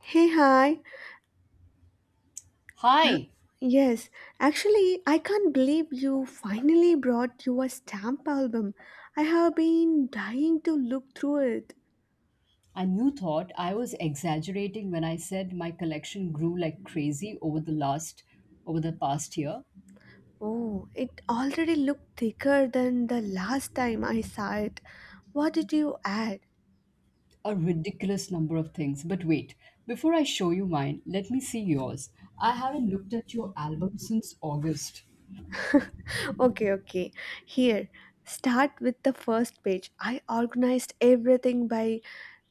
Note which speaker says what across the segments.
Speaker 1: Hey, hi. Uh,
Speaker 2: Hi!
Speaker 1: Yes, actually, I can't believe you finally brought your stamp album. I have been dying to look through it.
Speaker 2: And you thought I was exaggerating when I said my collection grew like crazy over the past year.
Speaker 1: Oh, it already looked thicker than the last time I saw it. What did you add?
Speaker 2: A ridiculous number of things. But wait, before I show you mine, let me see yours. I haven't looked at your album since August.
Speaker 1: Okay, okay. Here, start with the first page. I organized everything by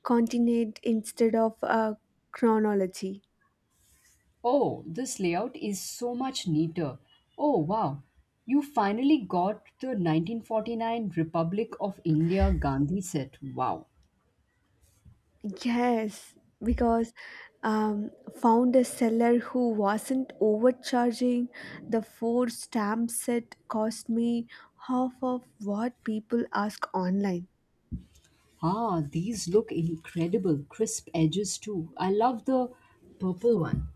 Speaker 1: continent instead of chronology.
Speaker 2: Oh, this layout is so much neater. Oh, wow. You finally got the 1949 Republic of India Gandhi set. Wow.
Speaker 1: Yes, because um, found a seller who wasn't overcharging. The four stamp set cost me half of what people ask online.
Speaker 2: Ah, these look incredible. Crisp edges, too. I love the purple one.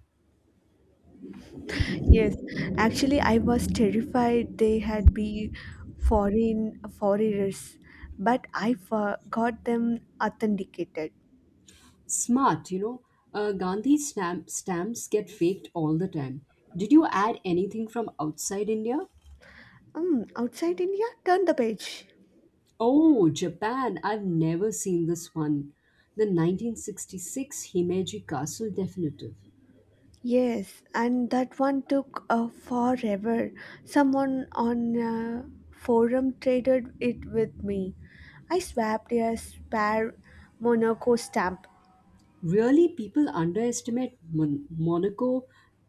Speaker 1: Yes, actually, I was terrified they had be foreigners, but I got them authenticated.
Speaker 2: Smart. Gandhi stamps get faked all the time. Did you add anything from outside India?
Speaker 1: Outside India, turn the page.
Speaker 2: Oh, Japan. I've never seen this one. The 1966 Himeji Castle Definitive.
Speaker 1: Yes, and that one took forever. Someone on a forum traded it with me. I swapped a spare Monaco stamp.
Speaker 2: Really, people underestimate Monaco,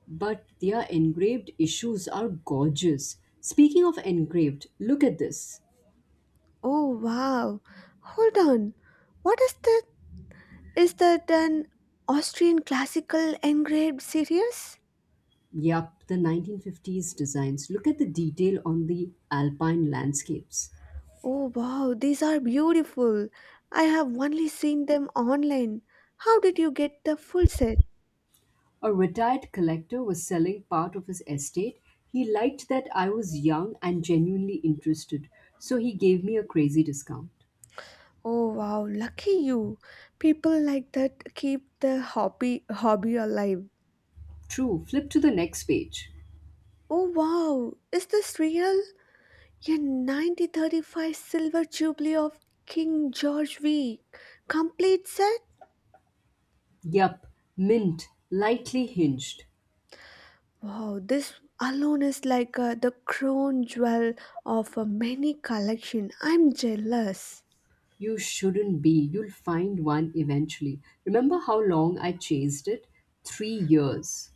Speaker 2: but their engraved issues are gorgeous. Speaking of engraved, look at this.
Speaker 1: Oh wow! Hold on. What is that? Is that an Austrian classical engraved series?
Speaker 2: Yup, the 1950s designs. Look at the detail on the alpine landscapes.
Speaker 1: Oh wow, these are beautiful. I have only seen them online. How did you get the full set?
Speaker 2: A retired collector was selling part of his estate. He liked that I was young and genuinely interested, so he gave me a crazy discount.
Speaker 1: Oh wow, lucky you. People like that keep the hobby alive.
Speaker 2: True, flip to the next page.
Speaker 1: Oh wow, is this real? A 1935 silver jubilee of King George V complete set?
Speaker 2: Yup, mint, lightly hinged.
Speaker 1: Wow, this alone is like the crown jewel of a many collection. I'm jealous.
Speaker 2: You shouldn't be. You'll find one eventually. Remember how long I chased it? 3 years.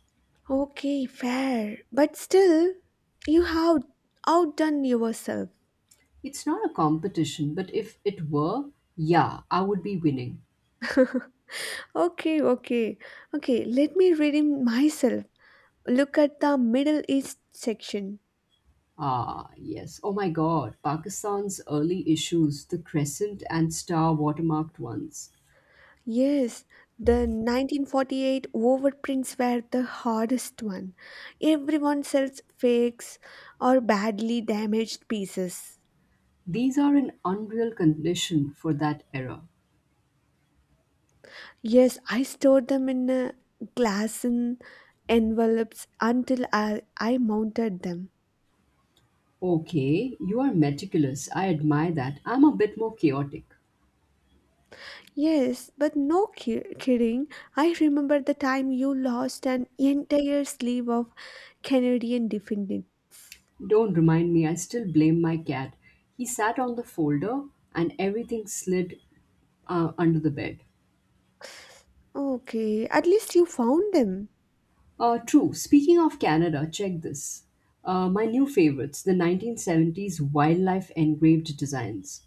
Speaker 1: Okay, fair, but still you have outdone yourself.
Speaker 2: It's not a competition, but if it were, yeah, I would be winning.
Speaker 1: Okay, okay. Okay, let me read him myself. Look at the Middle East section.
Speaker 2: Ah, yes. Oh my god, Pakistan's early issues, the crescent and star watermarked ones.
Speaker 1: Yes, the 1948 overprints were the hardest one. Everyone sells fakes or badly damaged pieces.
Speaker 2: These are an unreal condition for that era.
Speaker 1: Yes, I stored them in a glass in envelopes until I mounted them.
Speaker 2: Okay, you are meticulous. I admire that. I'm a bit more chaotic.
Speaker 1: Yes, but no kidding. I remember the time you lost an entire sleeve of Canadian defendant.
Speaker 2: Don't remind me, I still blame my cat. He sat on the folder and everything slid under the bed.
Speaker 1: Okay, at least you found them.
Speaker 2: True. Speaking of Canada, check this. My new favorites, the 1970s wildlife engraved designs.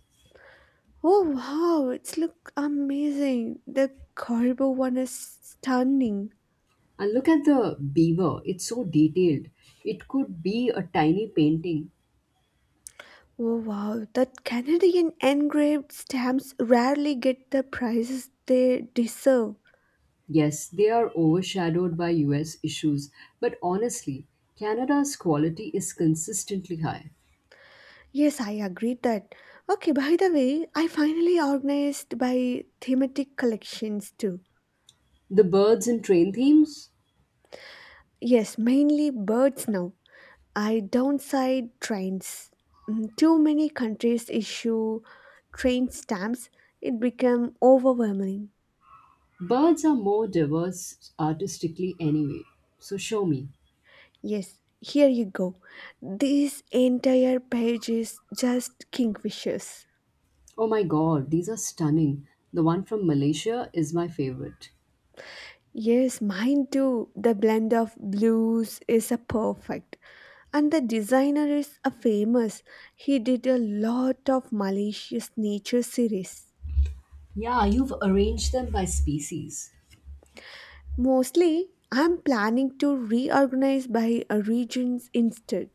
Speaker 1: Oh wow, it's look amazing. The Caribou one is stunning.
Speaker 2: And look at the beaver, it's so detailed. It could be a tiny painting.
Speaker 1: Oh wow, that Canadian engraved stamps rarely get the prizes they deserve.
Speaker 2: Yes, they are overshadowed by US issues, but honestly, Canada's quality is consistently high.
Speaker 1: Yes, I agree that. Okay, by the way, I finally organized by thematic collections too.
Speaker 2: The birds and train themes?
Speaker 1: Yes, mainly birds now. I downside trains. Too many countries issue train stamps. It become overwhelming.
Speaker 2: Birds are more diverse artistically anyway. So show me.
Speaker 1: Yes, here you go. This entire page is just kingfishers.
Speaker 2: Oh my god, these are stunning. The one from Malaysia is my favorite.
Speaker 1: Yes, mine too. The blend of blues is a perfect. And the designer is a famous. He did a lot of malicious nature series.
Speaker 2: Yeah, you've arranged them by species.
Speaker 1: Mostly, I'm planning to reorganize by regions instead.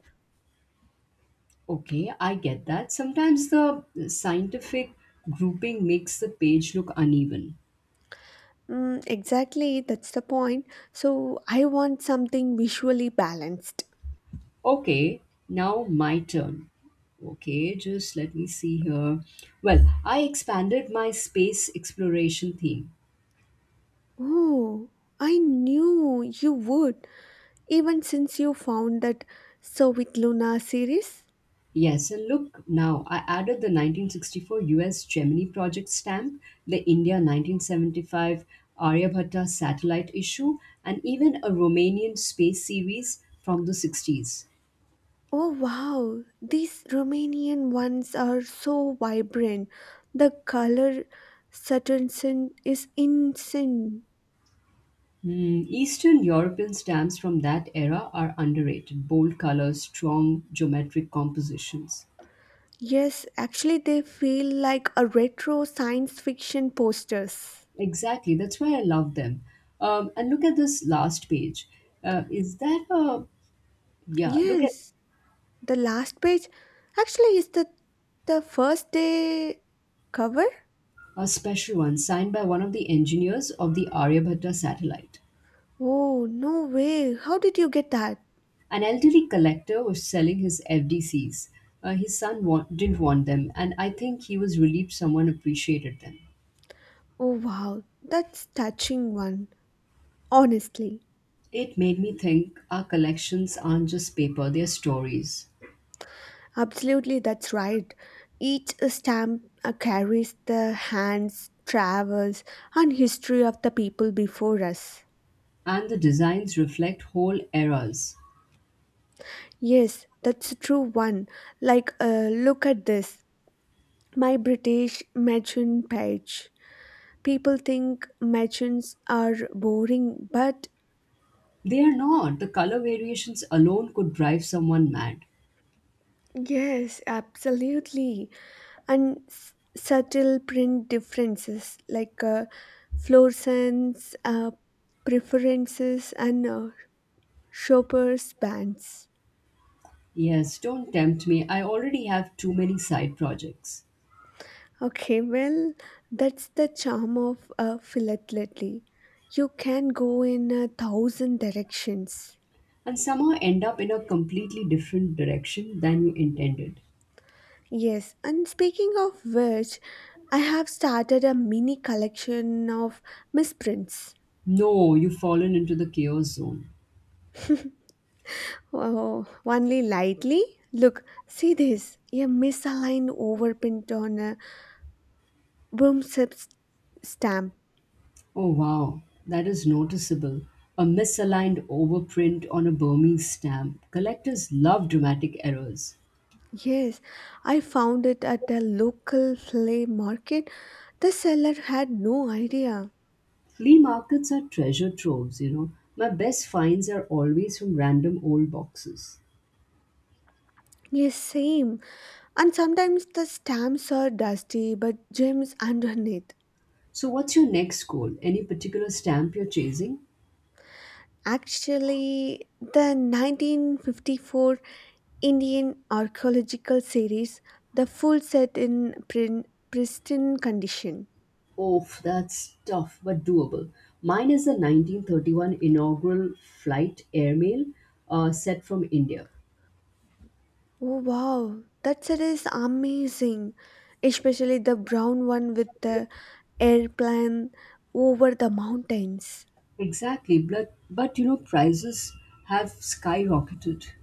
Speaker 2: Okay, I get that. Sometimes the scientific grouping makes the page look uneven.
Speaker 1: Exactly, that's the point. So, I want something visually balanced.
Speaker 2: Okay, now my turn. Okay, just let me see here. Well, I expanded my space exploration theme.
Speaker 1: Oh, I knew you would, even since you found that So with Luna series.
Speaker 2: Yes, and look now, I added the 1964 US Gemini project stamp, the India 1975 Aryabhatta satellite issue, and even a Romanian space series from the 60s.
Speaker 1: Oh, wow, these Romanian ones are so vibrant. The color saturation is insane.
Speaker 2: Hmm, Eastern European stamps from that era are underrated bold colors, strong geometric compositions.
Speaker 1: Yes, actually, they feel like a retro science fiction posters.
Speaker 2: Exactly, that's why I love them. And look at this last page. Is that a. Yeah, look at
Speaker 1: Yes, the last page actually is the first day cover.
Speaker 2: a special one signed by one of the engineers of the Aryabhatta satellite.
Speaker 1: Oh no way! How did you get that?
Speaker 2: An elderly collector was selling his FDCs. His son didn't want them, and I think he was relieved someone appreciated them.
Speaker 1: Oh wow, that's touching one. Honestly,
Speaker 2: It made me think our collections aren't just paper, they're stories.
Speaker 1: absolutely, that's right. Each stamp carries the hands, travels, and history of the people before us.
Speaker 2: And the designs reflect whole eras.
Speaker 1: Yes, that's a true one. Like, look at this. My British merchant page. People think merchants are boring, but
Speaker 2: They are not. The color variations alone could drive someone mad.
Speaker 1: yes, absolutely. And subtle print differences like fluorescence, preferences, and shoppers' bands.
Speaker 2: Yes, don't tempt me. I already have too many side projects.
Speaker 1: Okay, well, that's the charm of a philately. You can go in a thousand directions.
Speaker 2: And somehow end up in a completely different direction than you intended.
Speaker 1: Yes, and speaking of which, I have started a mini collection of misprints.
Speaker 2: No, you've fallen into the chaos zone.
Speaker 1: Oh, only lightly? Look, see this. A misaligned overprint on a broomstick stamp.
Speaker 2: Oh wow, that is noticeable. A misaligned overprint on a Burmese stamp. Collectors love dramatic errors.
Speaker 1: Yes, I found it at a local flea market. The seller had no idea.
Speaker 2: Flea markets are treasure troves. My best finds are always from random old boxes.
Speaker 1: Yes, same. And sometimes the stamps are dusty, but gems underneath.
Speaker 2: So, what's your next goal? Any particular stamp you're chasing?
Speaker 1: Actually, the 1954 Indian Archaeological Series, the full set in pristine condition.
Speaker 2: Oof, that's tough but doable. Mine is the 1931 inaugural flight airmail set from India.
Speaker 1: Oh, wow, that set is amazing, especially the brown one with the airplane over the mountains.
Speaker 2: Exactly, but prices have skyrocketed.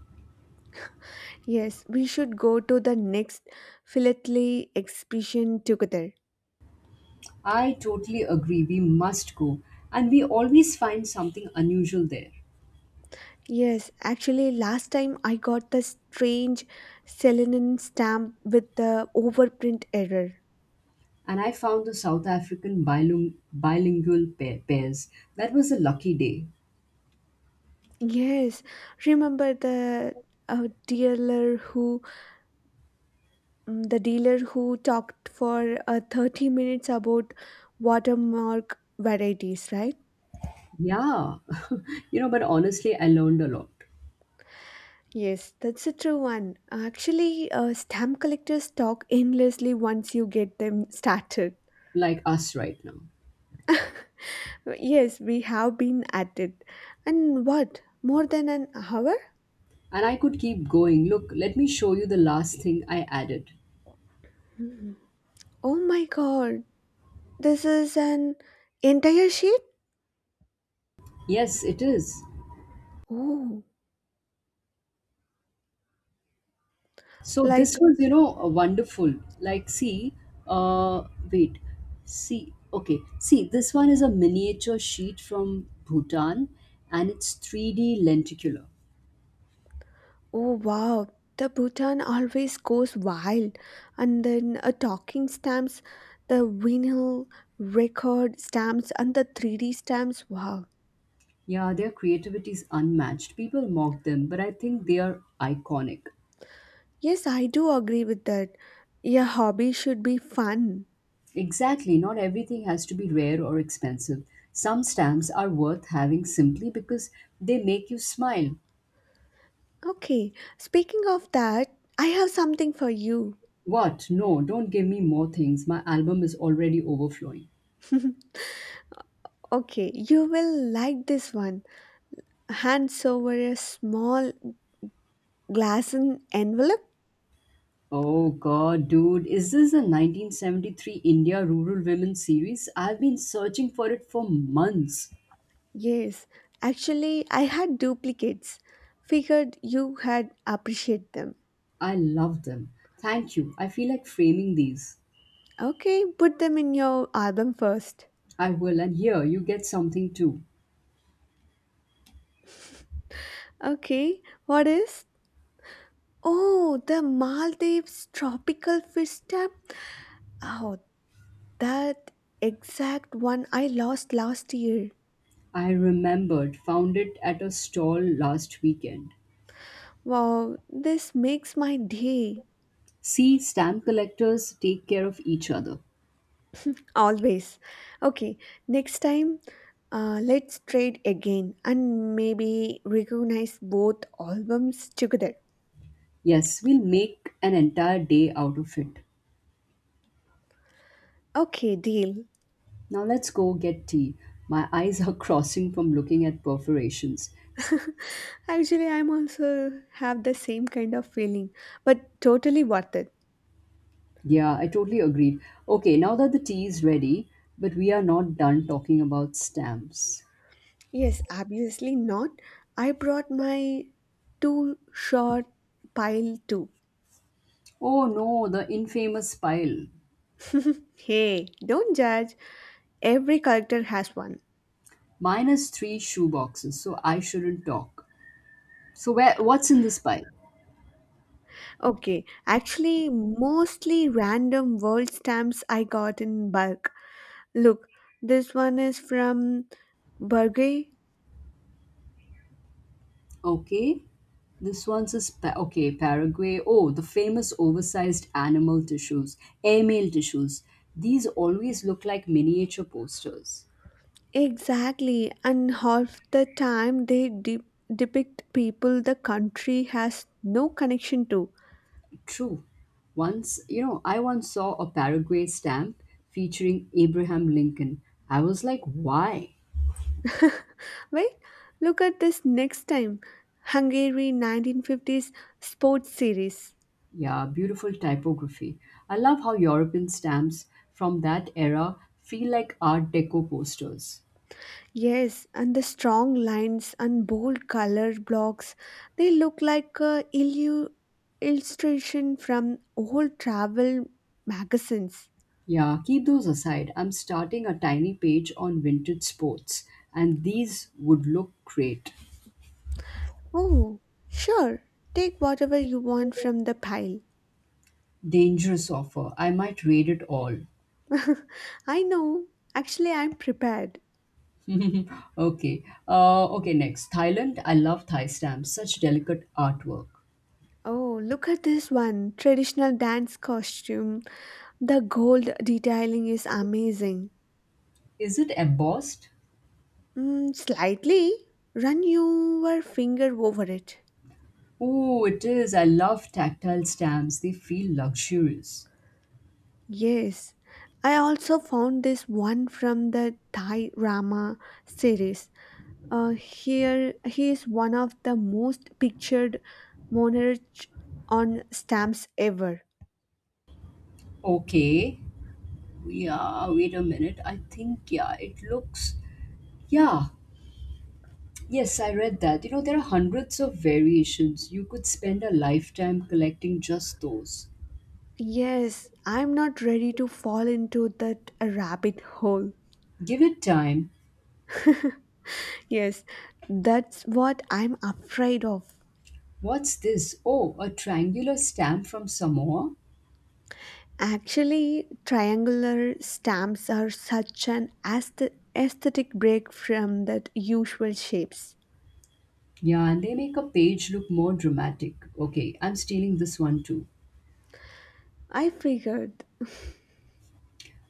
Speaker 1: Yes, we should go to the next philately exhibition together.
Speaker 2: I totally agree, we must go. And we always find something unusual there.
Speaker 1: Yes, actually, last time I got the strange Selenin stamp with the overprint error.
Speaker 2: And I found the South African bilingual pairs. That was a lucky day.
Speaker 1: Yes, remember the dealer who the dealer who talked for 30 minutes about watermark varieties, right?
Speaker 2: Yeah, but honestly, I learned a lot,
Speaker 1: Yes, that's a true one. Actually, stamp collectors talk endlessly once you get them started.
Speaker 2: like us right now.
Speaker 1: Yes, we have been at it. And what? More than an hour?
Speaker 2: And I could keep going. Look, let me show you the last thing I added.
Speaker 1: Oh my god, this is an entire sheet?
Speaker 2: Yes, it is.
Speaker 1: Oh,
Speaker 2: So this
Speaker 1: like,
Speaker 2: was wonderful. Like, see, uh, wait, see, okay, see, this one is a miniature sheet from Bhutan and it's 3D lenticular.
Speaker 1: oh wow, the Bhutan always goes wild. And then a talking stamps, the vinyl record stamps, and the 3D stamps. Wow.
Speaker 2: Yeah, their creativity is unmatched. People mock them, but I think they are iconic.
Speaker 1: Yes, I do agree with that. Your hobby should be fun.
Speaker 2: Exactly, not everything has to be rare or expensive. Some stamps are worth having simply because they make you smile.
Speaker 1: Okay, speaking of that, I have something for you.
Speaker 2: What? No, don't give me more things. My album is already overflowing.
Speaker 1: Okay, you will like this one. Hands over a small Glass and envelope?
Speaker 2: Oh god, dude, is this the 1973 India Rural Women series? I've been searching for it for months.
Speaker 1: Yes. Actually, I had duplicates. Figured you had appreciate them.
Speaker 2: I love them. Thank you. I feel like framing these.
Speaker 1: Okay, put them in your album first.
Speaker 2: I will, and here you get something too.
Speaker 1: Okay, what is? Oh, the Maldives tropical fish stamp. Oh, that exact one I lost last year.
Speaker 2: I remembered, found it at a stall last weekend.
Speaker 1: Wow, this makes my day.
Speaker 2: See, stamp collectors take care of each other.
Speaker 1: Always. Okay, next time let's trade again and maybe recognize both albums together.
Speaker 2: Yes, we'll make an entire day out of it.
Speaker 1: Okay, deal.
Speaker 2: Now let's go get tea. My eyes are crossing from looking at perforations. S-
Speaker 1: Actually, I'm also have the same kind of feeling, but totally worth it.
Speaker 2: Yeah, I totally agreed. Okay, now that the tea is ready, but we are not done talking about stamps.
Speaker 1: Yes, obviously not. I brought my two short pile too.
Speaker 2: Oh no, the infamous pile.
Speaker 1: Hey, don't judge. Every character has one.
Speaker 2: Mine is three shoe boxes, so I shouldn't talk. So where what's in this pile?
Speaker 1: Okay, actually, mostly random world stamps I got in bulk. Look, this one is from Berge.
Speaker 2: Okay. This one's is Paraguay. Oh, the famous oversized animal tissues, airmail tissues. These always look like miniature posters.
Speaker 1: Exactly, and half the time they depict people the country has no connection to.
Speaker 2: True. I once saw a Paraguay stamp featuring Abraham Lincoln. I was like, why?
Speaker 1: Wait, look at this next time Hungary 1950s sports series.
Speaker 2: Yeah, beautiful typography. I love how European stamps from that era feel like Art Deco posters.
Speaker 1: Yes, and the strong lines and bold color blocks, they look like a illustration from old travel magazines.
Speaker 2: Yeah, keep those aside. I'm starting a tiny page on vintage sports, and these would look great.
Speaker 1: Oh, sure. Take whatever you want from the pile.
Speaker 2: Dangerous offer. I might read it all.
Speaker 1: I know. Actually, I'm prepared.
Speaker 2: Okay. Okay, next. Thailand. I love Thai stamps. Such delicate artwork.
Speaker 1: Oh, look at this one. Traditional dance costume. The gold detailing is amazing.
Speaker 2: Is it embossed?
Speaker 1: Slightly. Run your finger over it.
Speaker 2: Oh, it is. I love tactile stamps. They feel luxurious.
Speaker 1: Yes. I also found this one from the Thai Rama series. Here, he is one of the most pictured monarch on stamps ever.
Speaker 2: Okay. Yeah, wait a minute. I think, yeah, it looks. Yeah, yes, I read that. You know, there are hundreds of variations. You could spend a lifetime collecting just those.
Speaker 1: Yes, I'm not ready to fall into that rabbit hole.
Speaker 2: Give it time.
Speaker 1: Yes, that's what I'm afraid of.
Speaker 2: What's this? Oh, a triangular stamp from Samoa?
Speaker 1: Actually, triangular stamps are such an aesthetic break from that usual shapes.
Speaker 2: Yeah, and they make a page look more dramatic. Okay, I'm stealing this one too.
Speaker 1: I figured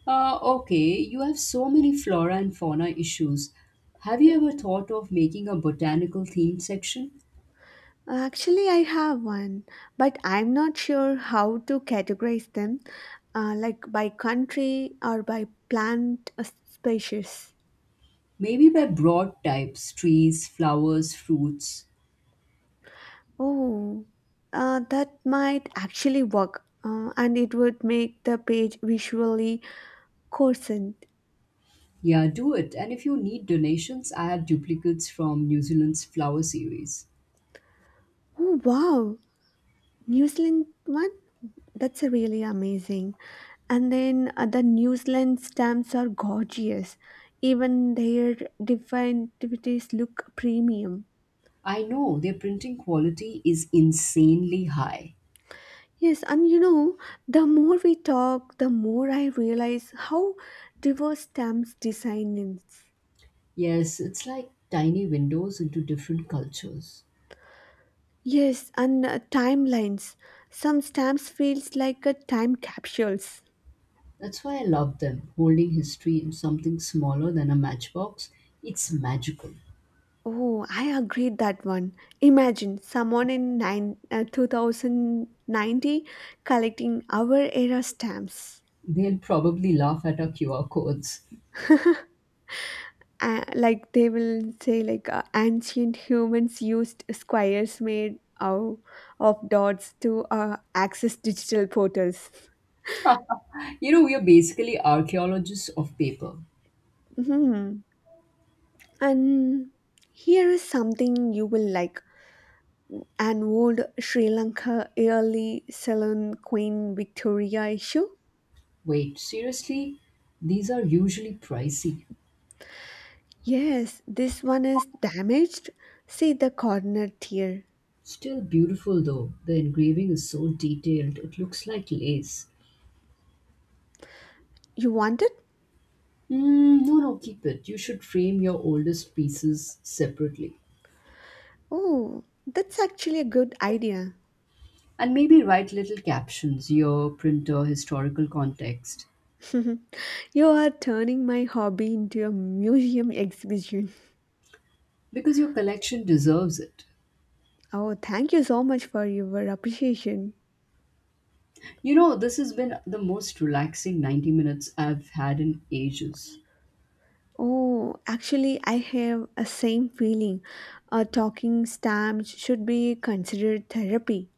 Speaker 2: Okay, you have so many flora and fauna issues. Have you ever thought of making a botanical themed section?
Speaker 1: actually, I have one, but I'm not sure how to categorize them, like by country or by plant species.
Speaker 2: Maybe by broad types trees, flowers, fruits.
Speaker 1: Oh, that might actually work, and it would make the page visually coherent.
Speaker 2: Yeah, do it. And if you need donations, I have duplicates from New Zealand's flower series.
Speaker 1: Oh, wow! New Zealand one? That's a really amazing. And then the New Zealand stamps are gorgeous. Even their different activities look premium.
Speaker 2: I know their printing quality is insanely high.
Speaker 1: Yes, and you know, the more we talk, the more I realize how diverse stamps design is.
Speaker 2: Yes, it's like tiny windows into different cultures.
Speaker 1: Yes, and timelines. Some stamps feels like a time capsules.
Speaker 2: That's why I love them. Holding history in something smaller than a matchbox, it's magical.
Speaker 1: Oh, I agreed that one. Imagine someone in 2090 collecting our era stamps.
Speaker 2: They'll probably laugh at our QR codes.
Speaker 1: Like they will say like ancient humans used squares made of dots to access digital portals.
Speaker 2: We are basically archaeologists of paper.
Speaker 1: hmm and here is something you will like, an old Sri Lanka early saloon Queen Victoria issue.
Speaker 2: Wait, seriously? These are usually pricey.
Speaker 1: Yes, this one is damaged, see the corner tear.
Speaker 2: Still beautiful though. The engraving is so detailed, it looks like lace.
Speaker 1: You want it?
Speaker 2: Mm, no, no, keep it. You should frame your oldest pieces separately.
Speaker 1: Oh, that's actually a good idea.
Speaker 2: And maybe write little captions, year, printer, historical context,
Speaker 1: You are turning my hobby into a museum exhibition.
Speaker 2: because your collection deserves it.
Speaker 1: Oh, thank you so much for your appreciation.
Speaker 2: You know, this has been the most relaxing 90 minutes I've had in ages.
Speaker 1: Oh, actually, I have a same feeling. A talking stamps should be considered therapy.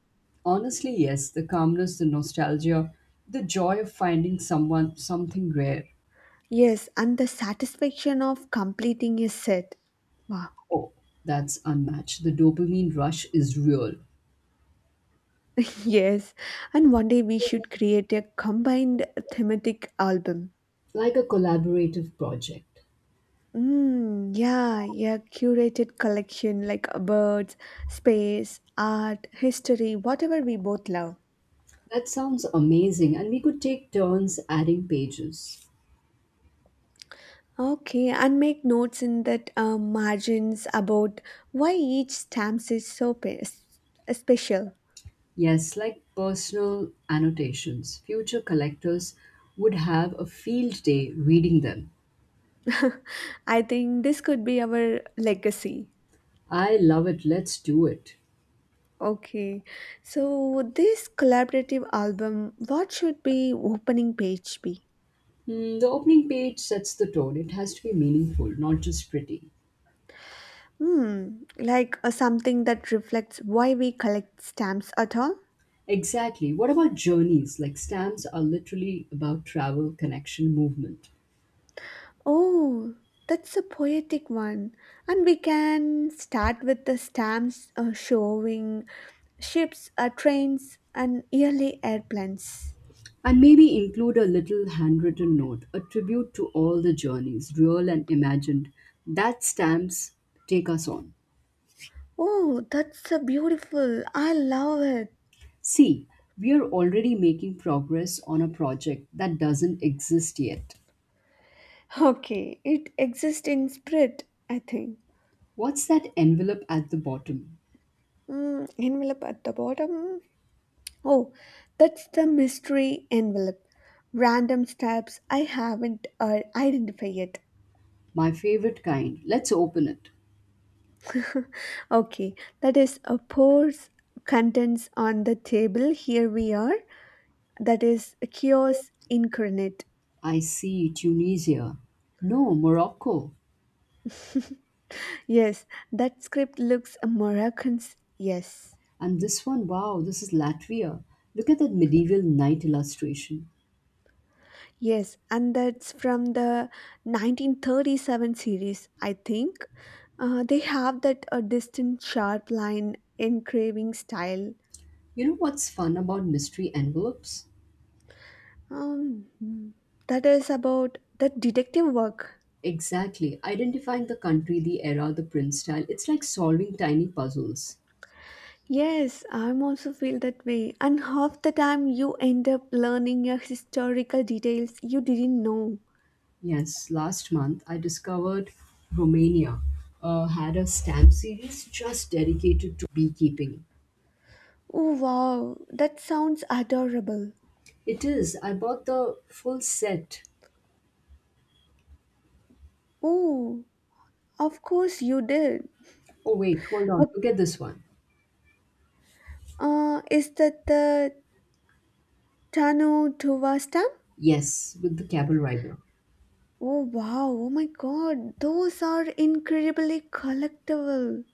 Speaker 2: Honestly, yes, the calmness, the nostalgia, the joy of finding someone, something rare.
Speaker 1: Yes, and the satisfaction of completing a set. Wow.
Speaker 2: Oh, that's unmatched. The dopamine rush is real,
Speaker 1: Yes, and one day we should create a combined thematic album.
Speaker 2: like a collaborative project.
Speaker 1: Yeah, yeah, curated collection like birds, space, art, history, whatever we both love.
Speaker 2: That sounds amazing, and we could take turns adding pages.
Speaker 1: Okay, and make notes in that margins about why each stamps is so special.
Speaker 2: Yes, like personal annotations. Future collectors would have a field day reading them.
Speaker 1: I think this could be our legacy.
Speaker 2: I love it. Let's do it.
Speaker 1: Okay, so this collaborative album, what should be opening page be?
Speaker 2: The opening page sets the tone. It has to be meaningful, not just pretty.
Speaker 1: Hmm, like something that reflects why we collect stamps at all?
Speaker 2: Exactly. What about journeys? Like stamps are literally about travel, connection, movement.
Speaker 1: Oh, that's a poetic one. And we can start with the stamps showing ships, trains, and yearly airplanes.
Speaker 2: And maybe include a little handwritten note, a tribute to all the journeys, real and imagined, that stamps take us on.
Speaker 1: Oh, that's a beautiful. I love it.
Speaker 2: See, we are already making progress on a project that doesn't exist yet.
Speaker 1: Okay, it exists in spirit, I think.
Speaker 2: What's that envelope at the bottom?
Speaker 1: Envelope at the bottom. Oh, that's the mystery envelope. Random stamps I haven't identified yet.
Speaker 2: My favorite kind. Let's open it.
Speaker 1: Okay, that is a pours contents on the table. Here we are. That is a chaos incarnate.
Speaker 2: I see Tunisia. No, Morocco.
Speaker 1: Yes, that script looks Moroccans. Yes.
Speaker 2: And this one, wow, this is Latvia. Look at that medieval knight illustration.
Speaker 1: Yes, and that's from the 1937 series, I think. They have that a distant sharp line engraving style.
Speaker 2: You know what's fun about mystery envelopes?
Speaker 1: Um, hmm. That is about the detective work.
Speaker 2: Exactly. Identifying the country, the era, the print style. It's like solving tiny puzzles.
Speaker 1: Yes, I'm also feel that way. And half the time you end up learning your historical details you didn't know.
Speaker 2: Yes, last month I discovered Romania had a stamp series just dedicated to beekeeping.
Speaker 1: Oh wow, that sounds adorable.
Speaker 2: It is. I bought the full set.
Speaker 1: Oh, of course you did.
Speaker 2: Oh, wait, hold on.
Speaker 1: Uh,
Speaker 2: Look at this one.
Speaker 1: is that the Tano Tuva stamp?
Speaker 2: Yes, with the Camel Rider.
Speaker 1: Oh wow, oh my god, those are incredibly collectible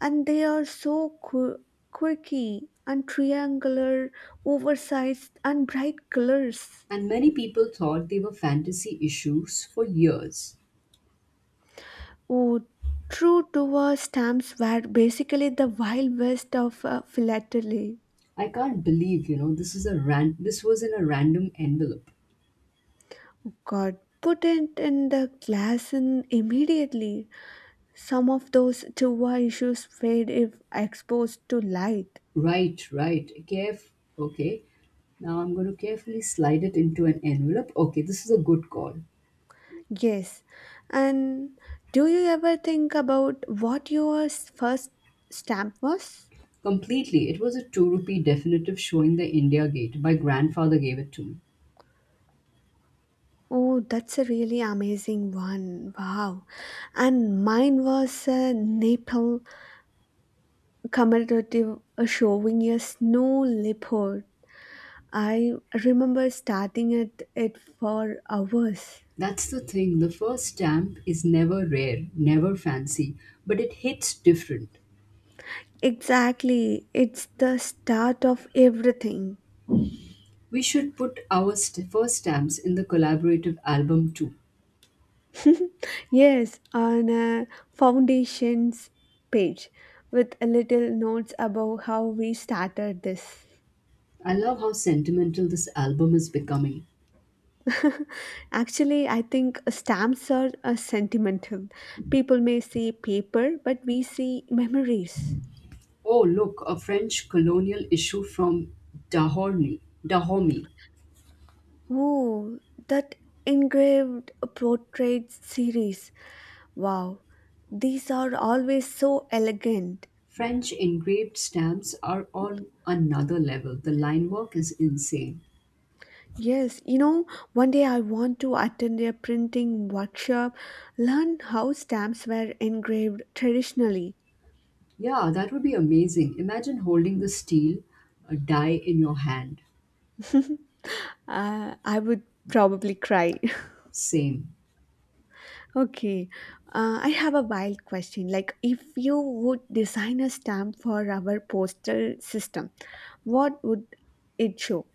Speaker 1: and they are so quirky and triangular, oversized and bright colors.
Speaker 2: And many people thought they were fantasy issues for years.
Speaker 1: Oh, true to stamps were basically the wild west of philately.
Speaker 2: I can't believe, this is this was in a random envelope.
Speaker 1: God, put it in the glass in immediately. Some of those Tuva issues fade if exposed to light.
Speaker 2: Right, right. Caref Okay. Now I'm going to carefully slide it into an envelope. Okay, this is a good call.
Speaker 1: Yes, and do you ever think about what your first stamp was?
Speaker 2: Completely. It was a 2 rupee definitive showing the India Gate. My grandfather gave it to me.
Speaker 1: Oh, that's a really amazing one. Wow. And mine was a Nepal commemorative showing a snow leopard. I remember starting at it for hours.
Speaker 2: That's the thing. The first stamp is never rare, never fancy, but it hits different.
Speaker 1: Exactly, it's the start of everything.
Speaker 2: We should put our first stamps in the collaborative album too.
Speaker 1: Yes, on a foundations page with a little notes about how we started this.
Speaker 2: I love how sentimental this album is becoming.
Speaker 1: Actually, I think stamps are sentimental. People may see paper, but we see memories.
Speaker 2: Oh, look, a French colonial issue from Dahorny, Dahomey.
Speaker 1: Oh, that engraved portraits series. Wow, these are always so elegant.
Speaker 2: French engraved stamps are on another level. The line work is insane.
Speaker 1: Yes, you know, one day I want to attend a printing workshop, learn how stamps were engraved traditionally.
Speaker 2: Yeah, that would be amazing. Imagine holding the steel, a die in your hand.
Speaker 1: uh, I would probably cry.
Speaker 2: Same.
Speaker 1: Okay, I have a wild question. Like, if you would design a stamp for our postal system, what would it show?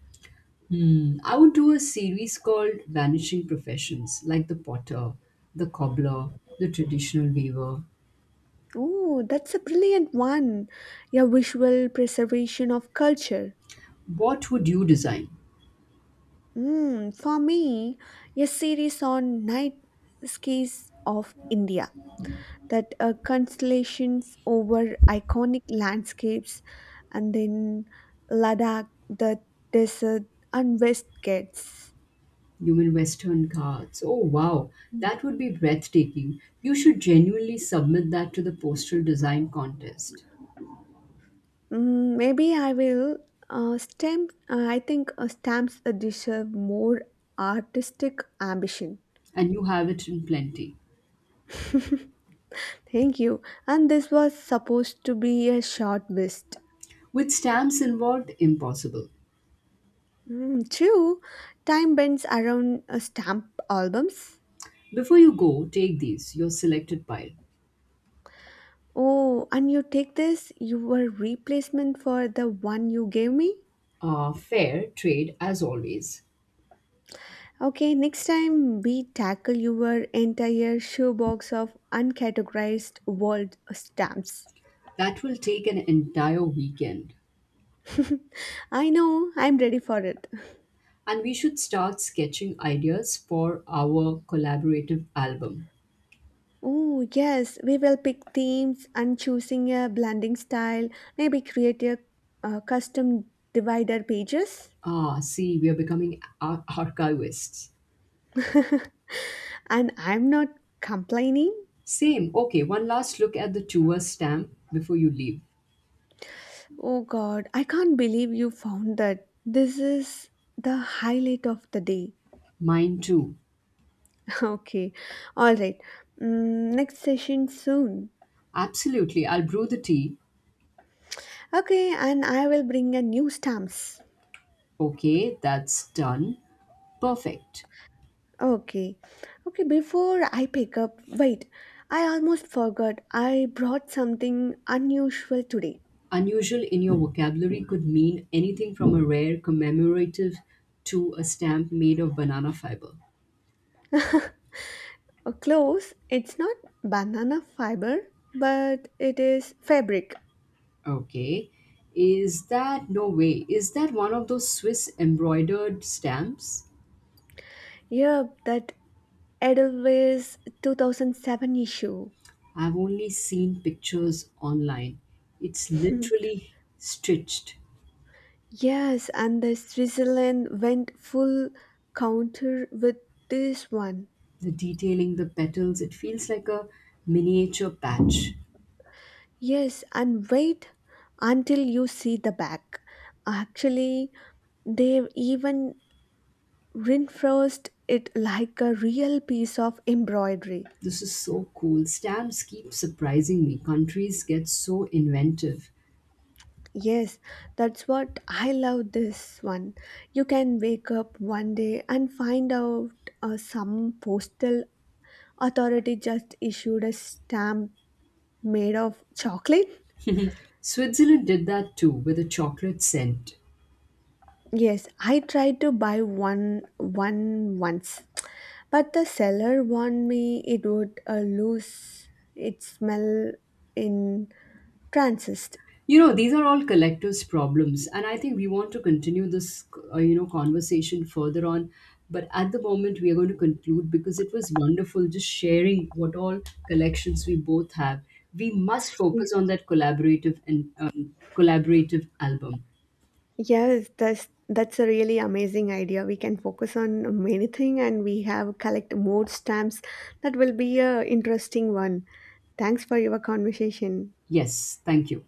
Speaker 2: I would do a series called Vanishing Professions, like the potter, the cobbler, the traditional weaver.
Speaker 1: Oh, that's a brilliant one. A visual preservation of culture.
Speaker 2: What would you design?
Speaker 1: For me, a series on night skies of India that constellations over iconic landscapes and then Ladakh, the desert, and West Ghats.
Speaker 2: Human Western cards. Oh, wow, that would be breathtaking. You should genuinely submit that to the postal design contest.
Speaker 1: Maybe I will I think stamps deserve more artistic ambition.
Speaker 2: And you have it in plenty.
Speaker 1: Thank you. And this was supposed to be a short list.
Speaker 2: With stamps involved, impossible.
Speaker 1: True. Time bends around stamp albums.
Speaker 2: Before you go, take these, your selected pile.
Speaker 1: Oh, and you take this, your replacement for the one you gave me?
Speaker 2: Fair trade, as always.
Speaker 1: Okay, next time we tackle your entire shoebox of uncategorized world stamps.
Speaker 2: That will take an entire weekend.
Speaker 1: I know, I'm ready for it.
Speaker 2: And we should start sketching ideas for our collaborative album.
Speaker 1: Oh, yes, we will pick themes and choosing a blending style, maybe create a custom divider pages.
Speaker 2: Ah, see, we are becoming archivists.
Speaker 1: And I'm not complaining.
Speaker 2: Same. Okay, one last look at the tour stamp before you leave.
Speaker 1: Oh god, I can't believe you found that. This is the highlight of the day.
Speaker 2: Mine too.
Speaker 1: Okay, all right. Next session soon.
Speaker 2: Absolutely. I'll brew the tea.
Speaker 1: Okay, and I will bring a new stamps.
Speaker 2: Okay, that's done. Perfect.
Speaker 1: Okay. Okay, before I pick up, wait, I almost forgot. I brought something unusual today.
Speaker 2: Unusual in your vocabulary could mean anything from a rare commemorative to a stamp made of banana fiber.
Speaker 1: Close. It's not banana fiber, but it is fabric.
Speaker 2: Okay. Is that no way? Is that one of those Swiss embroidered stamps?
Speaker 1: Yep, that Edelweiss 2007 issue.
Speaker 2: I've only seen pictures online. It's
Speaker 1: Hmm.
Speaker 2: literally stitched.
Speaker 1: Yes, and the Switzerland went full counter with this one.
Speaker 2: The detailing, the petals, it feels like a miniature patch.
Speaker 1: Yes, and wait until you see the back. Actually, they've even reinforced it like a real piece of embroidery.
Speaker 2: This is so cool. Stamps keep surprising me. Countries get so inventive.
Speaker 1: Yes, that's what I love this one. You can wake up one day and find out some postal authority just issued a stamp made of chocolate.
Speaker 2: Switzerland did that too with a chocolate scent.
Speaker 1: Yes, I tried to buy one once, but the seller warned me it would lose its smell in transist.
Speaker 2: These are all collectives problems, and I think we want to continue this conversation further on, but at the moment we are going to conclude because it was wonderful just sharing what all collections we both have. We must
Speaker 1: Yes,
Speaker 2: focus on that collaborative album.
Speaker 1: yes, that's a really amazing idea. We can focus on many things and we have collect more stamps. That will be a interesting one. Thanks for your conversation.
Speaker 2: Yes, thank you.